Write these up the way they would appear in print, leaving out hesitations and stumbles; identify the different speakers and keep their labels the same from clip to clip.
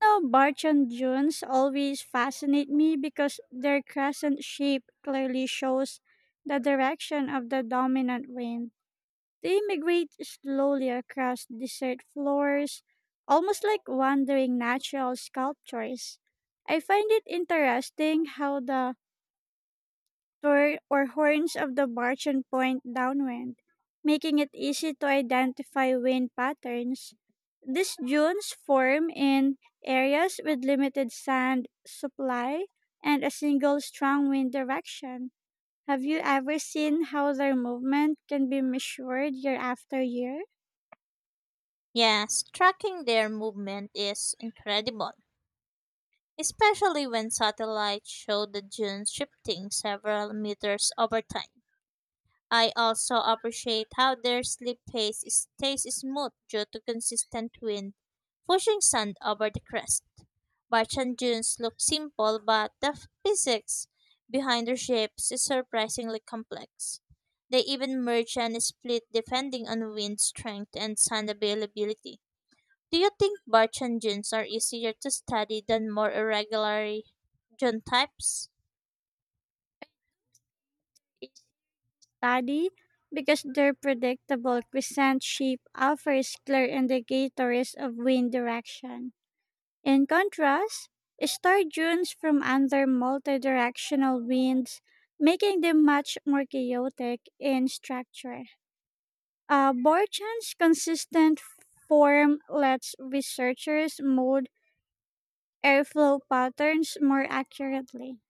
Speaker 1: No, Barton dunes always fascinate me because their crescent shape clearly shows the direction of the dominant wind. They migrate slowly across desert floors, almost like wandering natural sculptures. I find it interesting how the or horns of the bargeon point downwind, making it easy to identify wind patterns. These dunes form in areas with limited sand supply and a single strong wind direction. Have you ever seen how their movement can be measured year after year?
Speaker 2: Yes, tracking their movement is incredible, especially when satellites show the dunes shifting several meters over time. I also appreciate how their sleep pace stays smooth due to consistent wind pushing sand over the crest. Barchan dunes look simple, but the physics behind their shapes is surprisingly complex. They even merge and split depending on wind strength and sand availability. Do you think Barchan genes are easier to study than more irregular gene types?
Speaker 1: Each study, because their predictable crescent shape offers clear indicators of wind direction. In contrast, star dunes from under multidirectional winds, making them much more chaotic in structure. Borchan's consistent form lets researchers mold airflow patterns more accurately.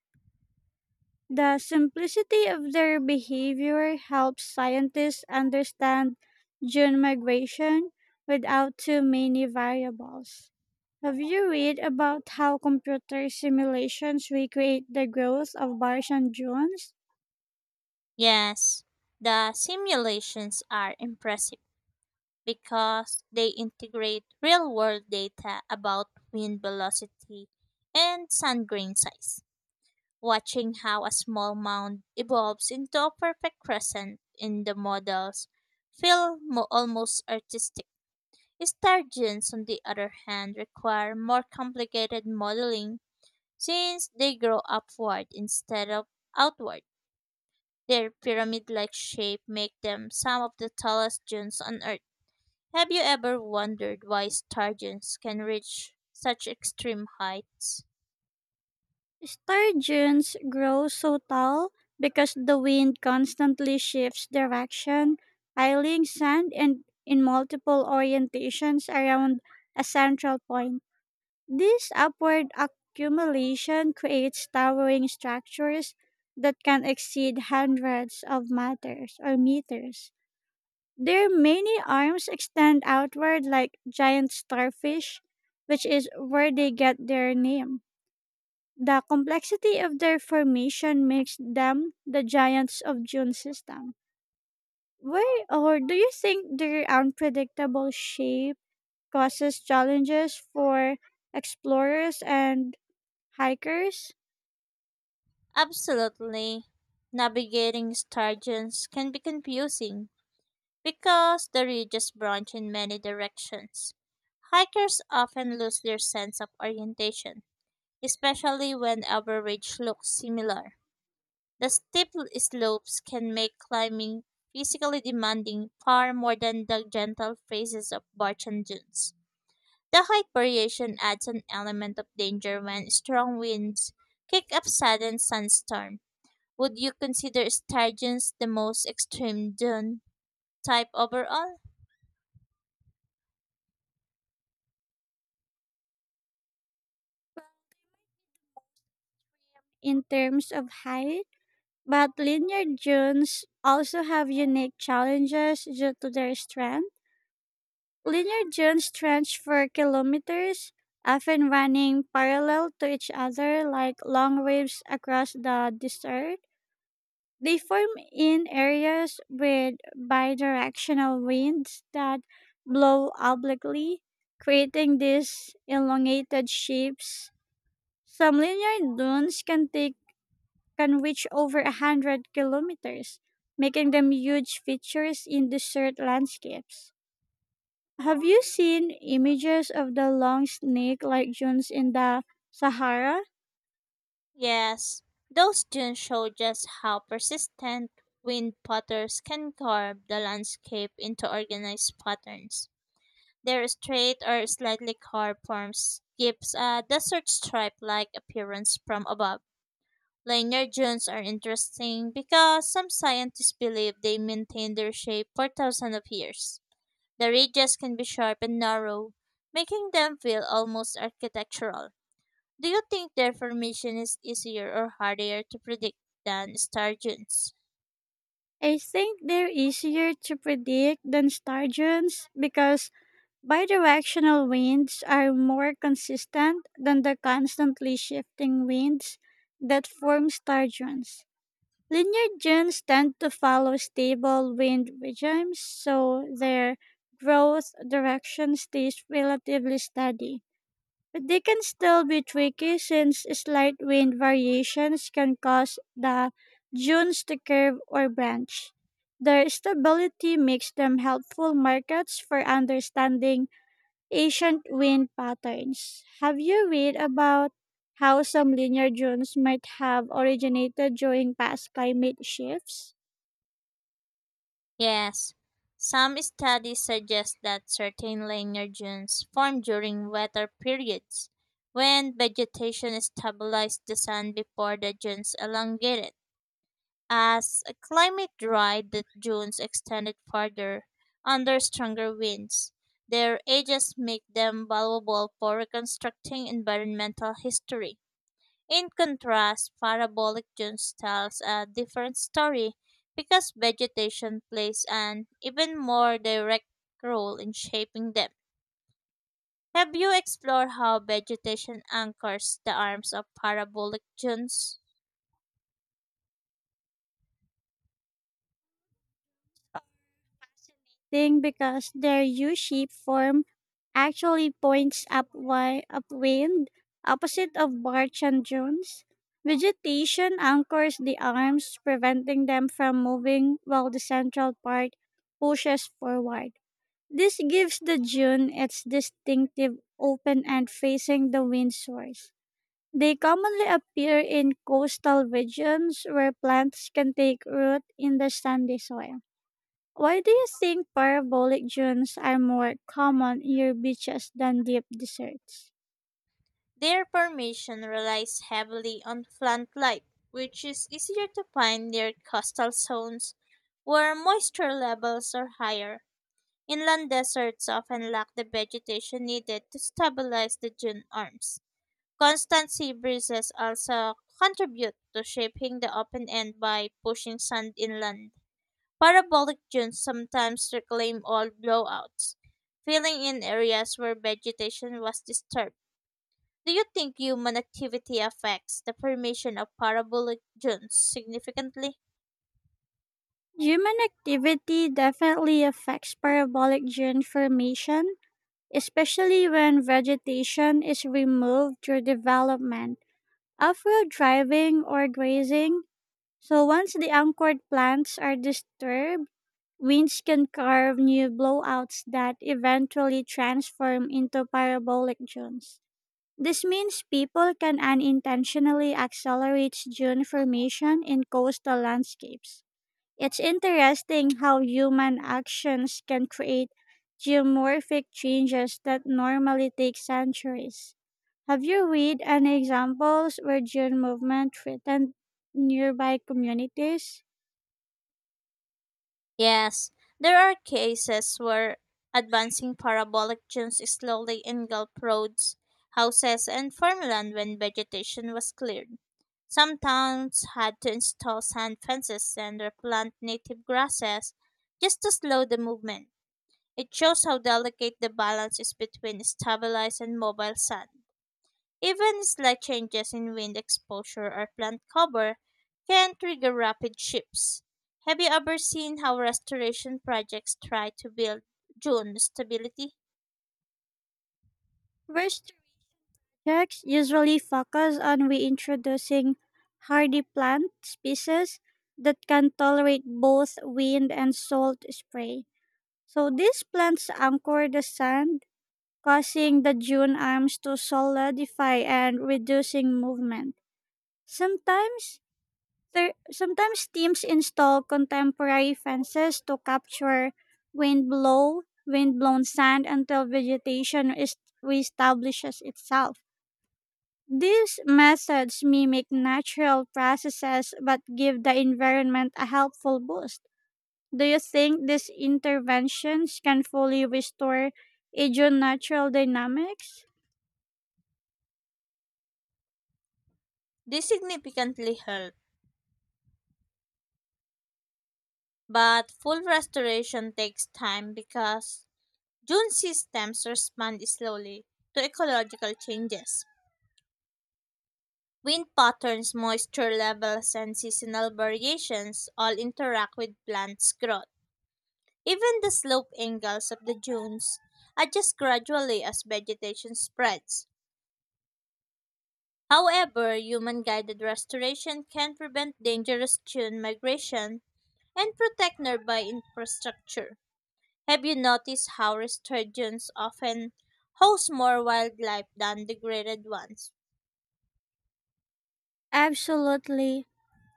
Speaker 1: The simplicity of their behavior helps scientists understand dune migration without too many variables. Have you read about how computer simulations recreate the growth of Martian dunes?
Speaker 2: Yes, the simulations are impressive because they integrate real world data about wind velocity and sand grain size. Watching how a small mound evolves into a perfect crescent in the models almost artistic. Star genes, on the other hand, require more complicated modeling since they grow upward instead of outward. Their pyramid like shape make them some of the tallest dunes on Earth. Have you ever wondered why star dunes can reach such extreme heights?
Speaker 1: Star dunes grow so tall because the wind constantly shifts direction, piling sand and in multiple orientations around a central point. This upward accumulation creates towering structures that can exceed hundreds of meters or meters. Their many arms extend outward like giant starfish, which is where they get their name. The complexity of their formation makes them the giants of June system. Where or do you think their unpredictable shape causes challenges for explorers and hikers
Speaker 2: Absolutely. Navigating star dunes can be confusing because the ridges branch in many directions. Hikers often lose their sense of orientation, especially when every ridge looks similar. The steep slopes can make climbing physically demanding far more than the gentle phases of Barchan dunes. The height variation adds an element of danger when strong winds kick up sudden sandstorm. Would you consider star dunes the most extreme dune type overall?
Speaker 1: in terms of height? But linear dunes also have unique challenges due to their strength. Linear dunes stretch for kilometers, often running parallel to each other like long waves across the desert. They form in areas with bidirectional winds that blow obliquely, creating these elongated shapes. Some linear dunes can reach over a hundred kilometers, making them huge features in desert landscapes. Have you seen images of the long snake-like dunes in the Sahara?
Speaker 2: Yes, those dunes show just how persistent wind patterns can carve the landscape into organized patterns. Their straight or slightly carved forms gives a desert stripe-like appearance from above. Linear dunes are interesting because some scientists believe they maintained their shape for thousands of years. The ridges can be sharp and narrow, making them feel almost architectural. Do you think their formation is easier or harder to predict than star dunes?
Speaker 1: I think they're easier to predict than star dunes because bidirectional winds are more consistent than the constantly shifting winds that form star dunes. Linear dunes tend to follow stable wind regimes, so their growth direction stays relatively steady. But they can still be tricky since slight wind variations can cause the dunes to curve or branch. Their stability makes them helpful markets for understanding ancient wind patterns. Have you read about how some linear dunes might have originated during past climate shifts?
Speaker 2: Yes, some studies suggest that certain linear dunes form during wetter periods when vegetation stabilizes the sun before the dunes elongate it. As a climate dried, the dunes extended farther under stronger winds. Their ages make them valuable for reconstructing environmental history. In contrast, parabolic dunes tells a different story because vegetation plays an even more direct role in shaping them. Have you explored how vegetation anchors the arms of parabolic dunes?
Speaker 1: Thing because their U shaped form actually points upwind, opposite of barge and dunes. Vegetation anchors the arms, preventing them from moving while the central part pushes forward. This gives the dune its distinctive open and facing the wind source. They commonly appear in coastal regions where plants can take root in the sandy soil. Why do you think parabolic dunes are more common near beaches than deep deserts?
Speaker 2: Their formation relies heavily on plant life, which is easier to find near coastal zones where moisture levels are higher. Inland deserts often lack the vegetation needed to stabilize the dune arms. Constant sea breezes also contribute to shaping the open end by pushing sand inland. Parabolic dunes sometimes reclaim old blowouts, filling in areas where vegetation was disturbed. Do you think human activity affects the formation of parabolic dunes significantly?
Speaker 1: Human activity definitely affects parabolic dune formation, especially when vegetation is removed through development off road driving or grazing. So once the anchored plants are disturbed, winds can carve new blowouts that eventually transform into parabolic dunes. This means people can unintentionally accelerate dune formation in coastal landscapes. It's interesting how human actions can create geomorphic changes that normally take centuries. Have you read any examples where gene movement threatened nearby communities?
Speaker 2: Yes, there are cases where advancing parabolic dunes slowly engulfed roads, houses, and farmland when vegetation was cleared. Some towns had to install sand fences and replant native grasses just to slow the movement. It shows how delicate the balance is between stabilized and mobile sand. Even slight changes in wind exposure or plant cover can trigger rapid shifts. Have you ever seen how restoration projects try to build dune stability?
Speaker 1: Research projects usually focus on reintroducing hardy plant species that can tolerate both wind and salt spray. So these plants anchor the sand causing the dune arms to solidify and reducing movement. Sometimes, Sometimes teams install contemporary fences to capture wind blown sand until vegetation is reestablishes itself. These methods mimic natural processes but give the environment a helpful boost. Do you think these interventions can fully restore a Aegean natural dynamics?
Speaker 2: This significantly helps, but full restoration takes time because dune systems respond slowly to ecological changes. Wind patterns, moisture levels, and seasonal variations all interact with plants' growth. Even the slope angles of the dunes adjust gradually as vegetation spreads. However, human guided restoration can prevent dangerous dune migration and protect nearby infrastructure. Have you noticed how restored dunes often host more wildlife than degraded ones?
Speaker 1: Absolutely.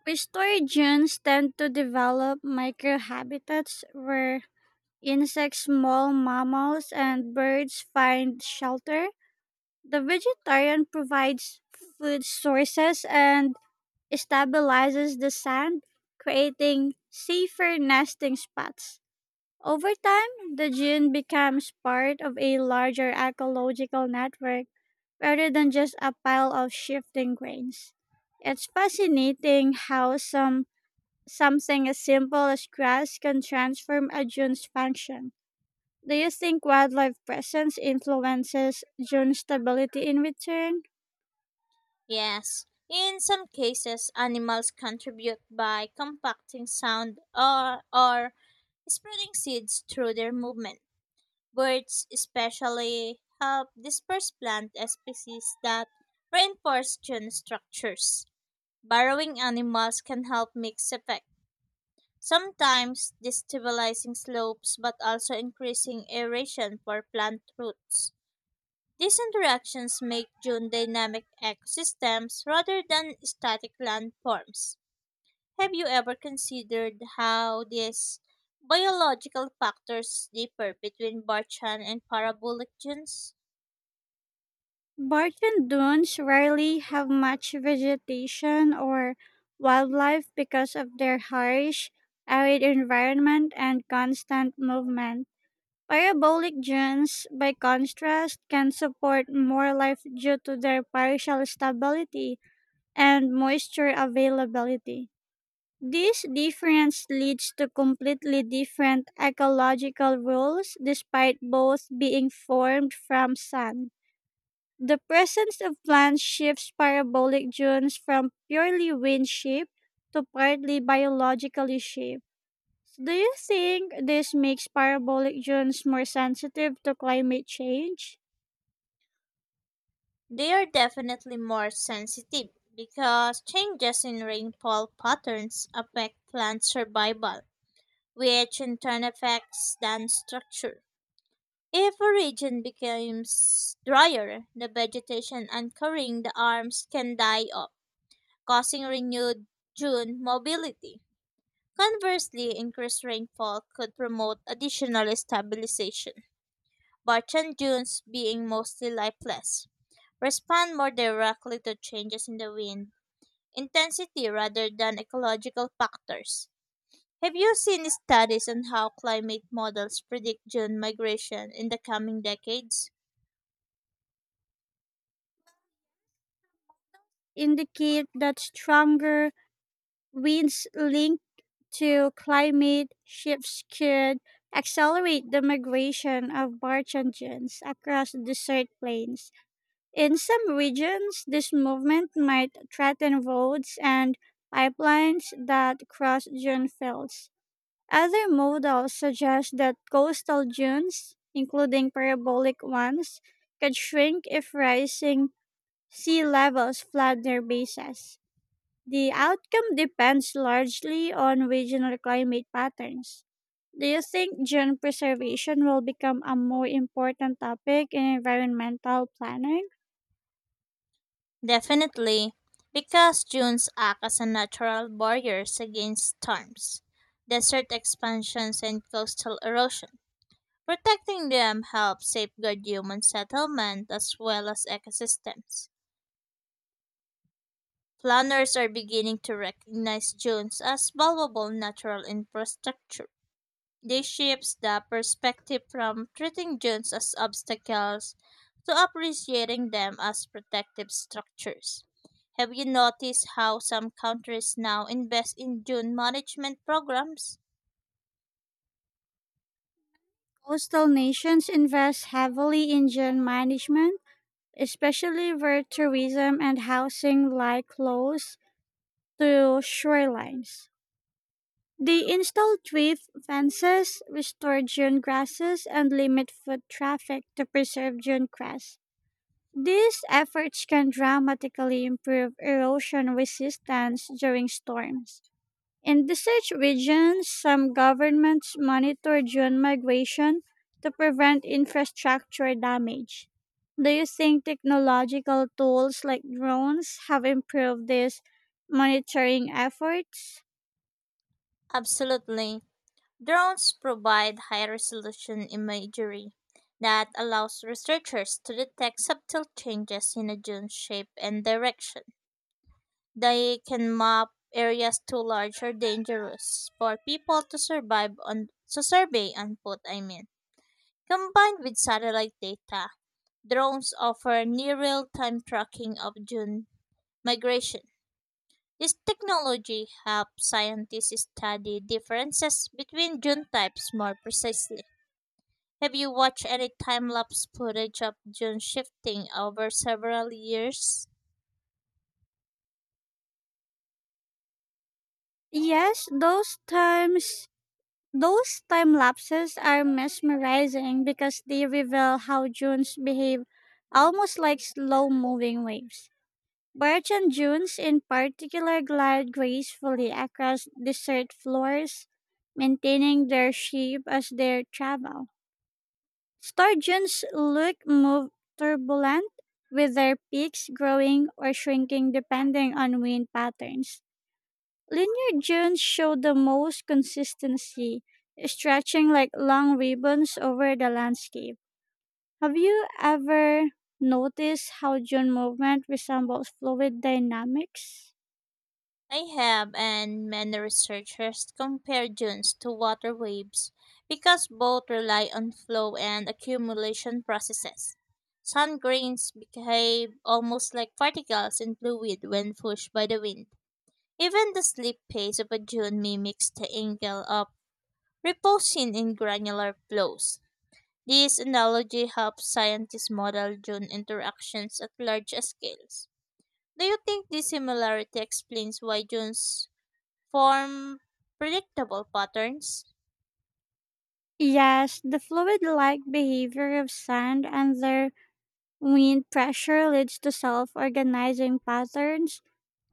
Speaker 1: Pistorians tend to develop microhabitats where insects, small mammals, and birds find shelter. The vegetarian provides food sources and stabilizes the sand, creating safer nesting spots. Over time, the gene becomes part of a larger ecological network rather than just a pile of shifting grains. It's fascinating how something as simple as grass can transform a dune's function. Do you think wildlife presence influences dune stability in return?
Speaker 2: Yes, in some cases, animals contribute by compacting sound or spreading seeds through their movement. Birds especially help disperse plant species that reinforce gene structures. Burrowing animals can help mix effect, sometimes destabilizing slopes but also increasing aeration for plant roots. These interactions make dune dynamic ecosystems rather than static landforms. Have you ever considered how these biological factors differ between Barchan and parabolic dunes?
Speaker 1: Barton dunes rarely have much vegetation or wildlife because of their harsh, arid environment and constant movement. Parabolic dunes, by contrast, can support more life due to their partial stability and moisture availability. This difference leads to completely different ecological rules despite both being formed from sun. The presence of plants shifts parabolic dunes from purely wind shaped to partly biologically shaped. So do you think this makes parabolic zones more sensitive to climate change?
Speaker 2: They are definitely more sensitive because changes in rainfall patterns affect plant survival, which in turn affects plant structure. If a region becomes drier, the vegetation anchoring the arms can die off, causing renewed June mobility. Conversely, increased rainfall could promote additional stabilization, but and dunes being mostly lifeless respond more directly to changes in the wind intensity rather than ecological factors. Have you seen studies on how climate models predict June migration in the coming decades?
Speaker 1: Indicate that stronger winds linked to climate shifts could accelerate the migration of Barchangians across desert plains. In some regions, this movement might threaten roads and pipelines that cross dune fields. Other models suggest that coastal dunes, including parabolic ones, could shrink if rising sea levels flood their bases. The outcome depends largely on regional climate patterns. Do you think dune preservation will become a more important topic in environmental planning?
Speaker 2: Definitely, because dunes act as a natural barriers against storms, desert expansions, and coastal erosion. Protecting them helps safeguard human settlement as well as ecosystems. Planners are beginning to recognize dunes as valuable natural infrastructure. This shifts the perspective from treating dunes as obstacles to appreciating them as protective structures. Have you noticed how some countries now invest in dune management programs?
Speaker 1: Coastal nations invest heavily in dune management, especially where tourism and housing lie close to shorelines. They installed drift fences, restored dune grasses, and limit foot traffic to preserve dune grass. These efforts can dramatically improve erosion resistance during storms. In desert regions, some governments monitor dune migration to prevent infrastructure damage. Do you think technological tools like drones have improved these monitoring efforts?
Speaker 2: Absolutely. Drones provide high resolution imagery that allows researchers to detect subtle changes in a dune's shape and direction. They can map areas too large or dangerous for people to survive on to survey and put, I mean. Combined with satellite data, drones offer near real-time tracking of dune migration. This technology helps scientists study differences between dune types more precisely. Have you watched any time-lapse footage of dune shifting over several years?
Speaker 1: Yes, those time lapses are mesmerizing because they reveal how dunes behave almost like slow moving waves. Birch and dunes in particular glide gracefully across desert floors, maintaining their shape as they travel. Star dunes look move turbulent with their peaks growing or shrinking depending on wind patterns. Linear dunes show the most consistency, stretching like long ribbons over the landscape. Have you ever noticed how dune movement resembles fluid dynamics?
Speaker 2: I have, and many researchers compare dunes to water waves because both rely on flow and accumulation processes. Sand grains behave almost like particles in fluid when pushed by the wind. Even the slip pace of a dune mimics the angle of reposing in granular flows. This analogy helps scientists model dune interactions at large scales. Do you think this similarity explains why dunes form predictable patterns?
Speaker 1: Yes, the fluid like behavior of sand and their wind pressure leads to self organizing patterns.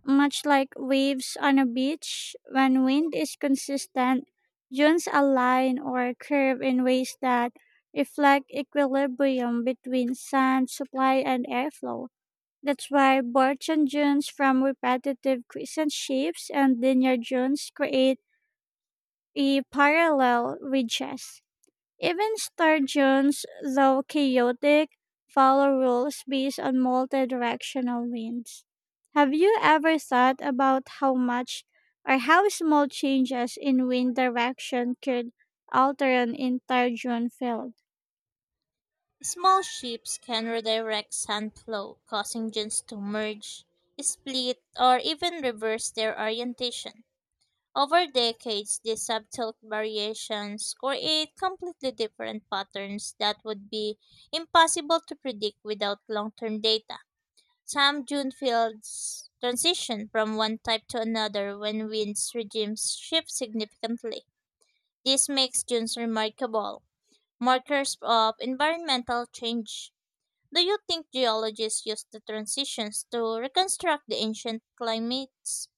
Speaker 1: Much like waves on a beach, when wind is consistent, dunes align or curve in ways that reflect equilibrium between sand supply and airflow. That's why Borchon dunes from repetitive crescent shapes and linear dunes create a parallel ridges. Even Star Jones, though chaotic, follow rules based on multi-directional winds. Have you ever thought about how much or how small changes in wind direction could alter an entire dune field?
Speaker 2: Small ships can redirect sand flow, causing dunes to merge, split, or even reverse their orientation. Over decades, these subtle variations create completely different patterns that would be impossible to predict without long term data. Some dune fields transition from one type to another when winds regimes shift significantly. This makes dunes remarkable markers of environmental change. Do you think geologists use the transitions to reconstruct the ancient climates?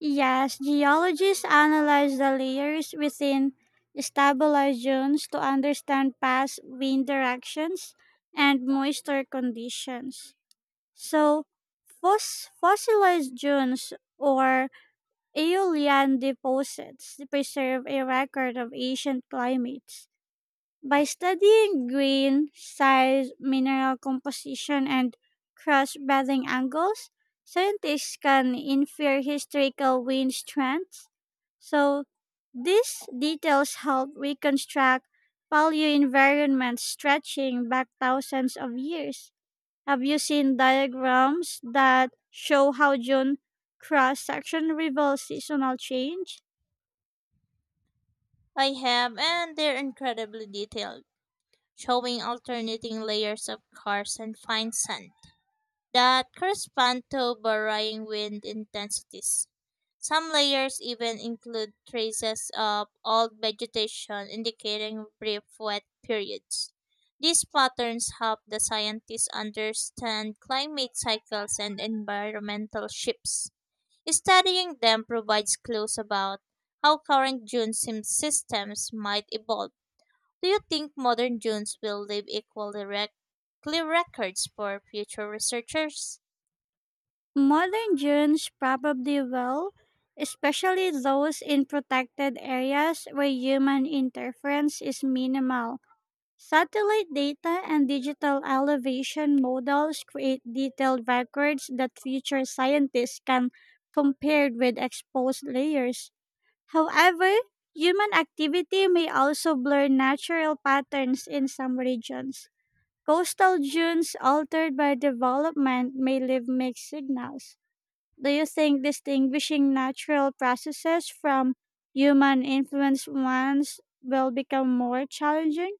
Speaker 1: Yes, geologists analyze the layers within stabilized zones to understand past wind directions and moisture conditions. So, fossilized dunes or Aeolian deposits preserve a record of ancient climates. By studying grain, size, mineral composition, and crust bending angles, scientists can infer historical wind strengths. So, these details help reconstruct paleo environments stretching back thousands of years. Have you seen diagrams that show how June cross section reveals seasonal change?
Speaker 2: I have, and they're incredibly detailed, showing alternating layers of karst and fine sand that correspond to varying wind intensities. Some layers even include traces of old vegetation indicating brief wet periods. These patterns help the scientists understand climate cycles and environmental shifts. Studying them provides clues about how current systems might evolve. Do you think modern dunes will leave clear records for future researchers?
Speaker 1: Modern dunes probably will, especially those in protected areas where human interference is minimal. Satellite data and digital elevation models create detailed records that future scientists can compare with exposed layers. However, human activity may also blur natural patterns in some regions. Coastal dunes altered by development may leave mixed signals. Do you think distinguishing natural processes from human influenced ones will become more challenging?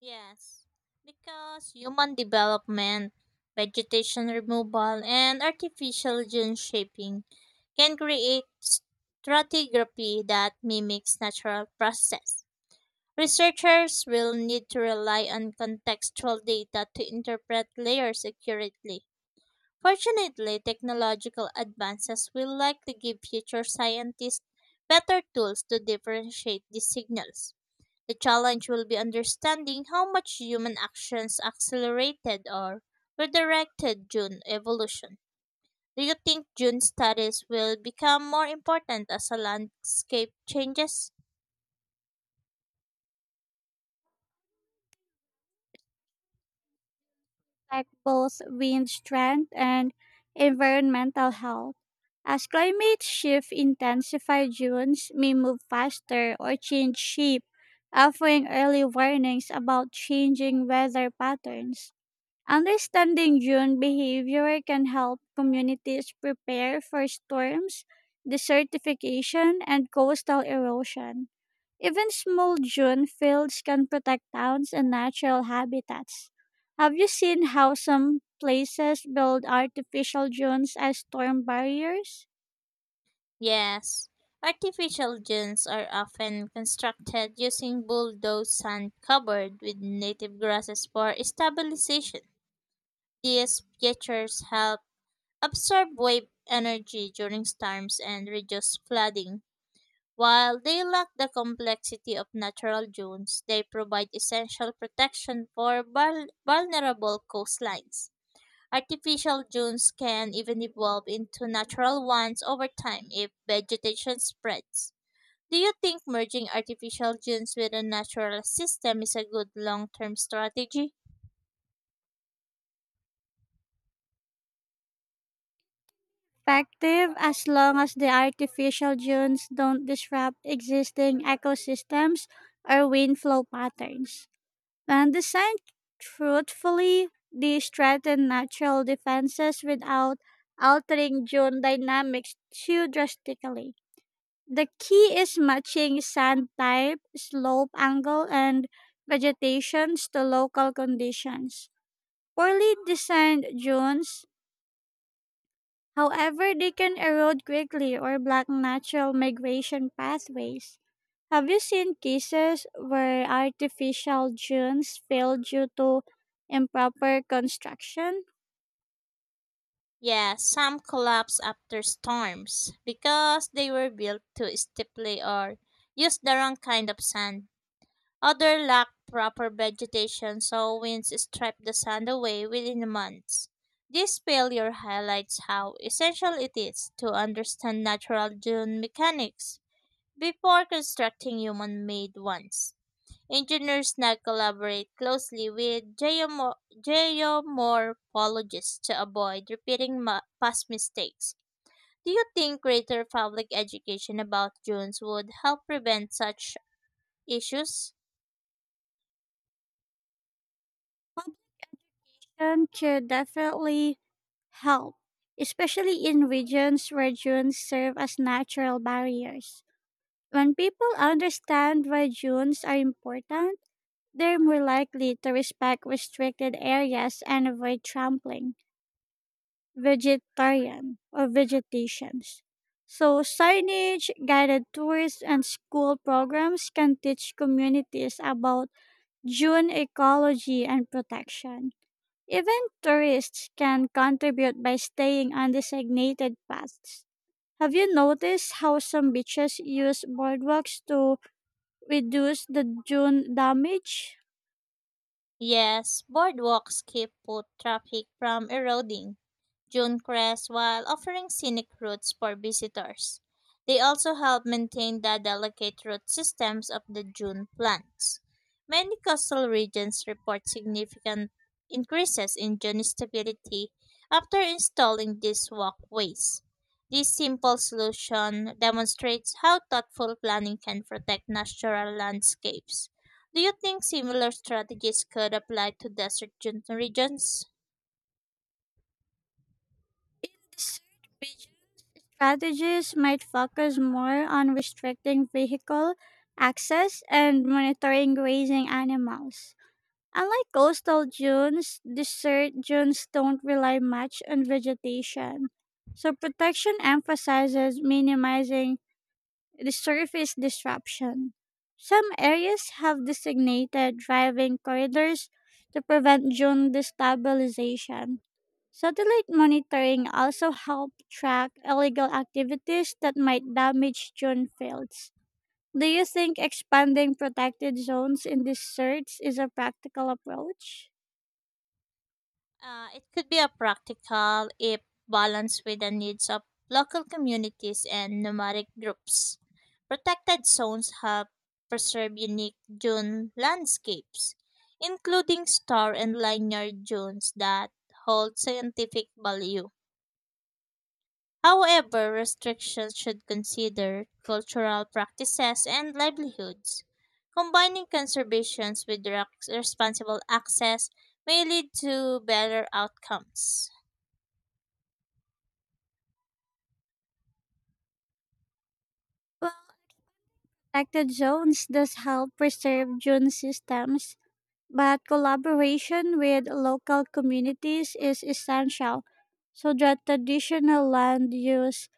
Speaker 2: Yes, because human development, vegetation removal, and artificial gene shaping can create stratigraphy that mimics natural process. Researchers will need to rely on contextual data to interpret layers accurately. Fortunately, technological advances will likely give future scientists better tools to differentiate these signals. The challenge will be understanding how much human actions accelerated or redirected June evolution. Do you think June studies will become more important as the landscape changes?
Speaker 1: Affect both wind strength and environmental health. As climate shift intensifies, dunes may move faster or change shape, offering early warnings about changing weather patterns. Understanding june behavior can help communities prepare for storms, desertification, and coastal erosion. Even small june fields can protect towns and natural habitats. Have you seen how some places build artificial dunes as storm barriers?
Speaker 2: Yes. Artificial dunes are often constructed using bulldozed sand covered with native grasses for stabilization. These features help absorb wave energy during storms and reduce flooding. While they lack the complexity of natural dunes, they provide essential protection for vulnerable coastlines. Artificial dunes can even evolve into natural ones over time if vegetation spreads. Do you think merging artificial dunes with a natural system is a good long term strategy?
Speaker 1: Effective as long as the artificial dunes don't disrupt existing ecosystems or wind flow patterns. When designed truthfully, they strengthen natural defenses without altering zone dynamics too drastically. The key is matching sand type, slope angle, and vegetations to local conditions. Poorly designed dunes, however, they can erode quickly or block natural migration pathways. Have you seen cases where artificial dunes fail due to improper construction?
Speaker 2: Yeah, some collapse after storms because they were built too steeply or used the wrong kind of sand. Other lack proper vegetation, so winds strip the sand away within months. This failure highlights how essential it is to understand natural dune mechanics before constructing human made ones. Engineers now collaborate closely with geomorphologists to avoid repeating past mistakes. Do you think greater public education about dunes would help prevent such issues?
Speaker 1: Option could definitely help, especially in regions where dunes serve as natural barriers. When people understand why dunes are important, they're more likely to respect restricted areas and avoid trampling. Vegetarian or vegetations. So, signage, guided tours, and school programs can teach communities about June ecology and protection. Even tourists can contribute by staying on designated paths. Have you noticed how some beaches use boardwalks to reduce the dune damage?
Speaker 2: Yes, boardwalks keep foot traffic from eroding June Crest while offering scenic routes for visitors. They also help maintain the delicate root systems of the June plants. Many coastal regions report significant increases in June stability after installing these walkways. This simple solution demonstrates how thoughtful planning can protect natural landscapes. Do you think similar strategies could apply to regions?
Speaker 1: Strategies might focus more on restricting vehicle access and monitoring grazing animals. Unlike coastal dunes, desert dunes don't rely much on vegetation. So protection emphasizes minimizing the surface disruption. Some areas have designated driving corridors to prevent dune destabilization. Satellite monitoring also helps track illegal activities that might damage dune fields. Do you think expanding protected zones in these search is a practical approach?
Speaker 2: It could be a practical if balanced with the needs of local communities and nomadic groups. Protected zones have preserved unique dune landscapes, including star and linear dunes that hold scientific value. However, restrictions should consider cultural practices and livelihoods. Combining conservations with responsible access may lead to better outcomes.
Speaker 1: Well, protected zones does help preserve dune systems. But collaboration with local communities is essential so that traditional land use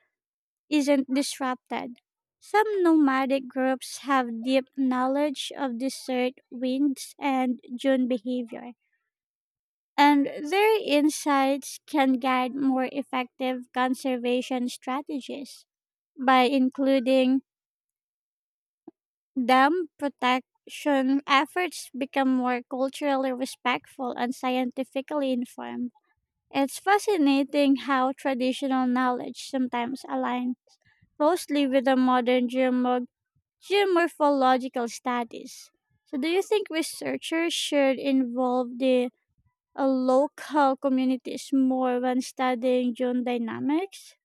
Speaker 1: isn't disrupted. Some nomadic groups have deep knowledge of desert winds and dune behavior, and their insights can guide more effective conservation strategies by including Dam protection efforts become more culturally respectful and scientifically informed. It's fascinating how traditional knowledge sometimes aligns closely with the modern geomorphological studies. So, do you think researchers should involve the local communities more when studying gene dynamics?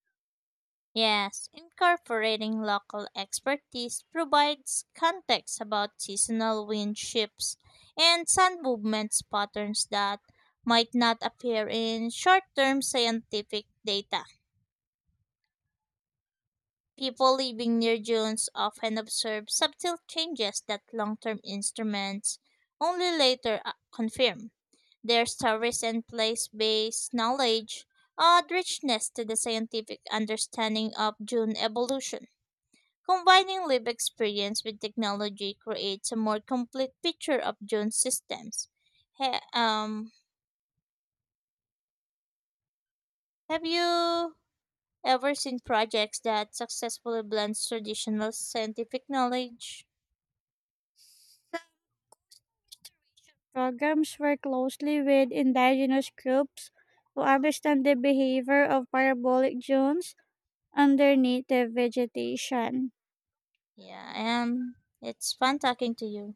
Speaker 2: Yes, incorporating local expertise provides context about seasonal wind shifts and sun movements patterns that might not appear in short-term scientific data. People living near dunes often observe subtle changes that long term instruments only later confirm. Their stories and place based knowledge add richness to the scientific understanding of dune evolution. Combining live experience with technology creates a more complete picture of dune systems. Ha- um, have you ever seen projects that successfully blends traditional scientific knowledge?
Speaker 1: Programs work closely with indigenous groups who understand the behavior of parabolic dunes under native vegetation.
Speaker 2: Yeah, and it's fun talking to you.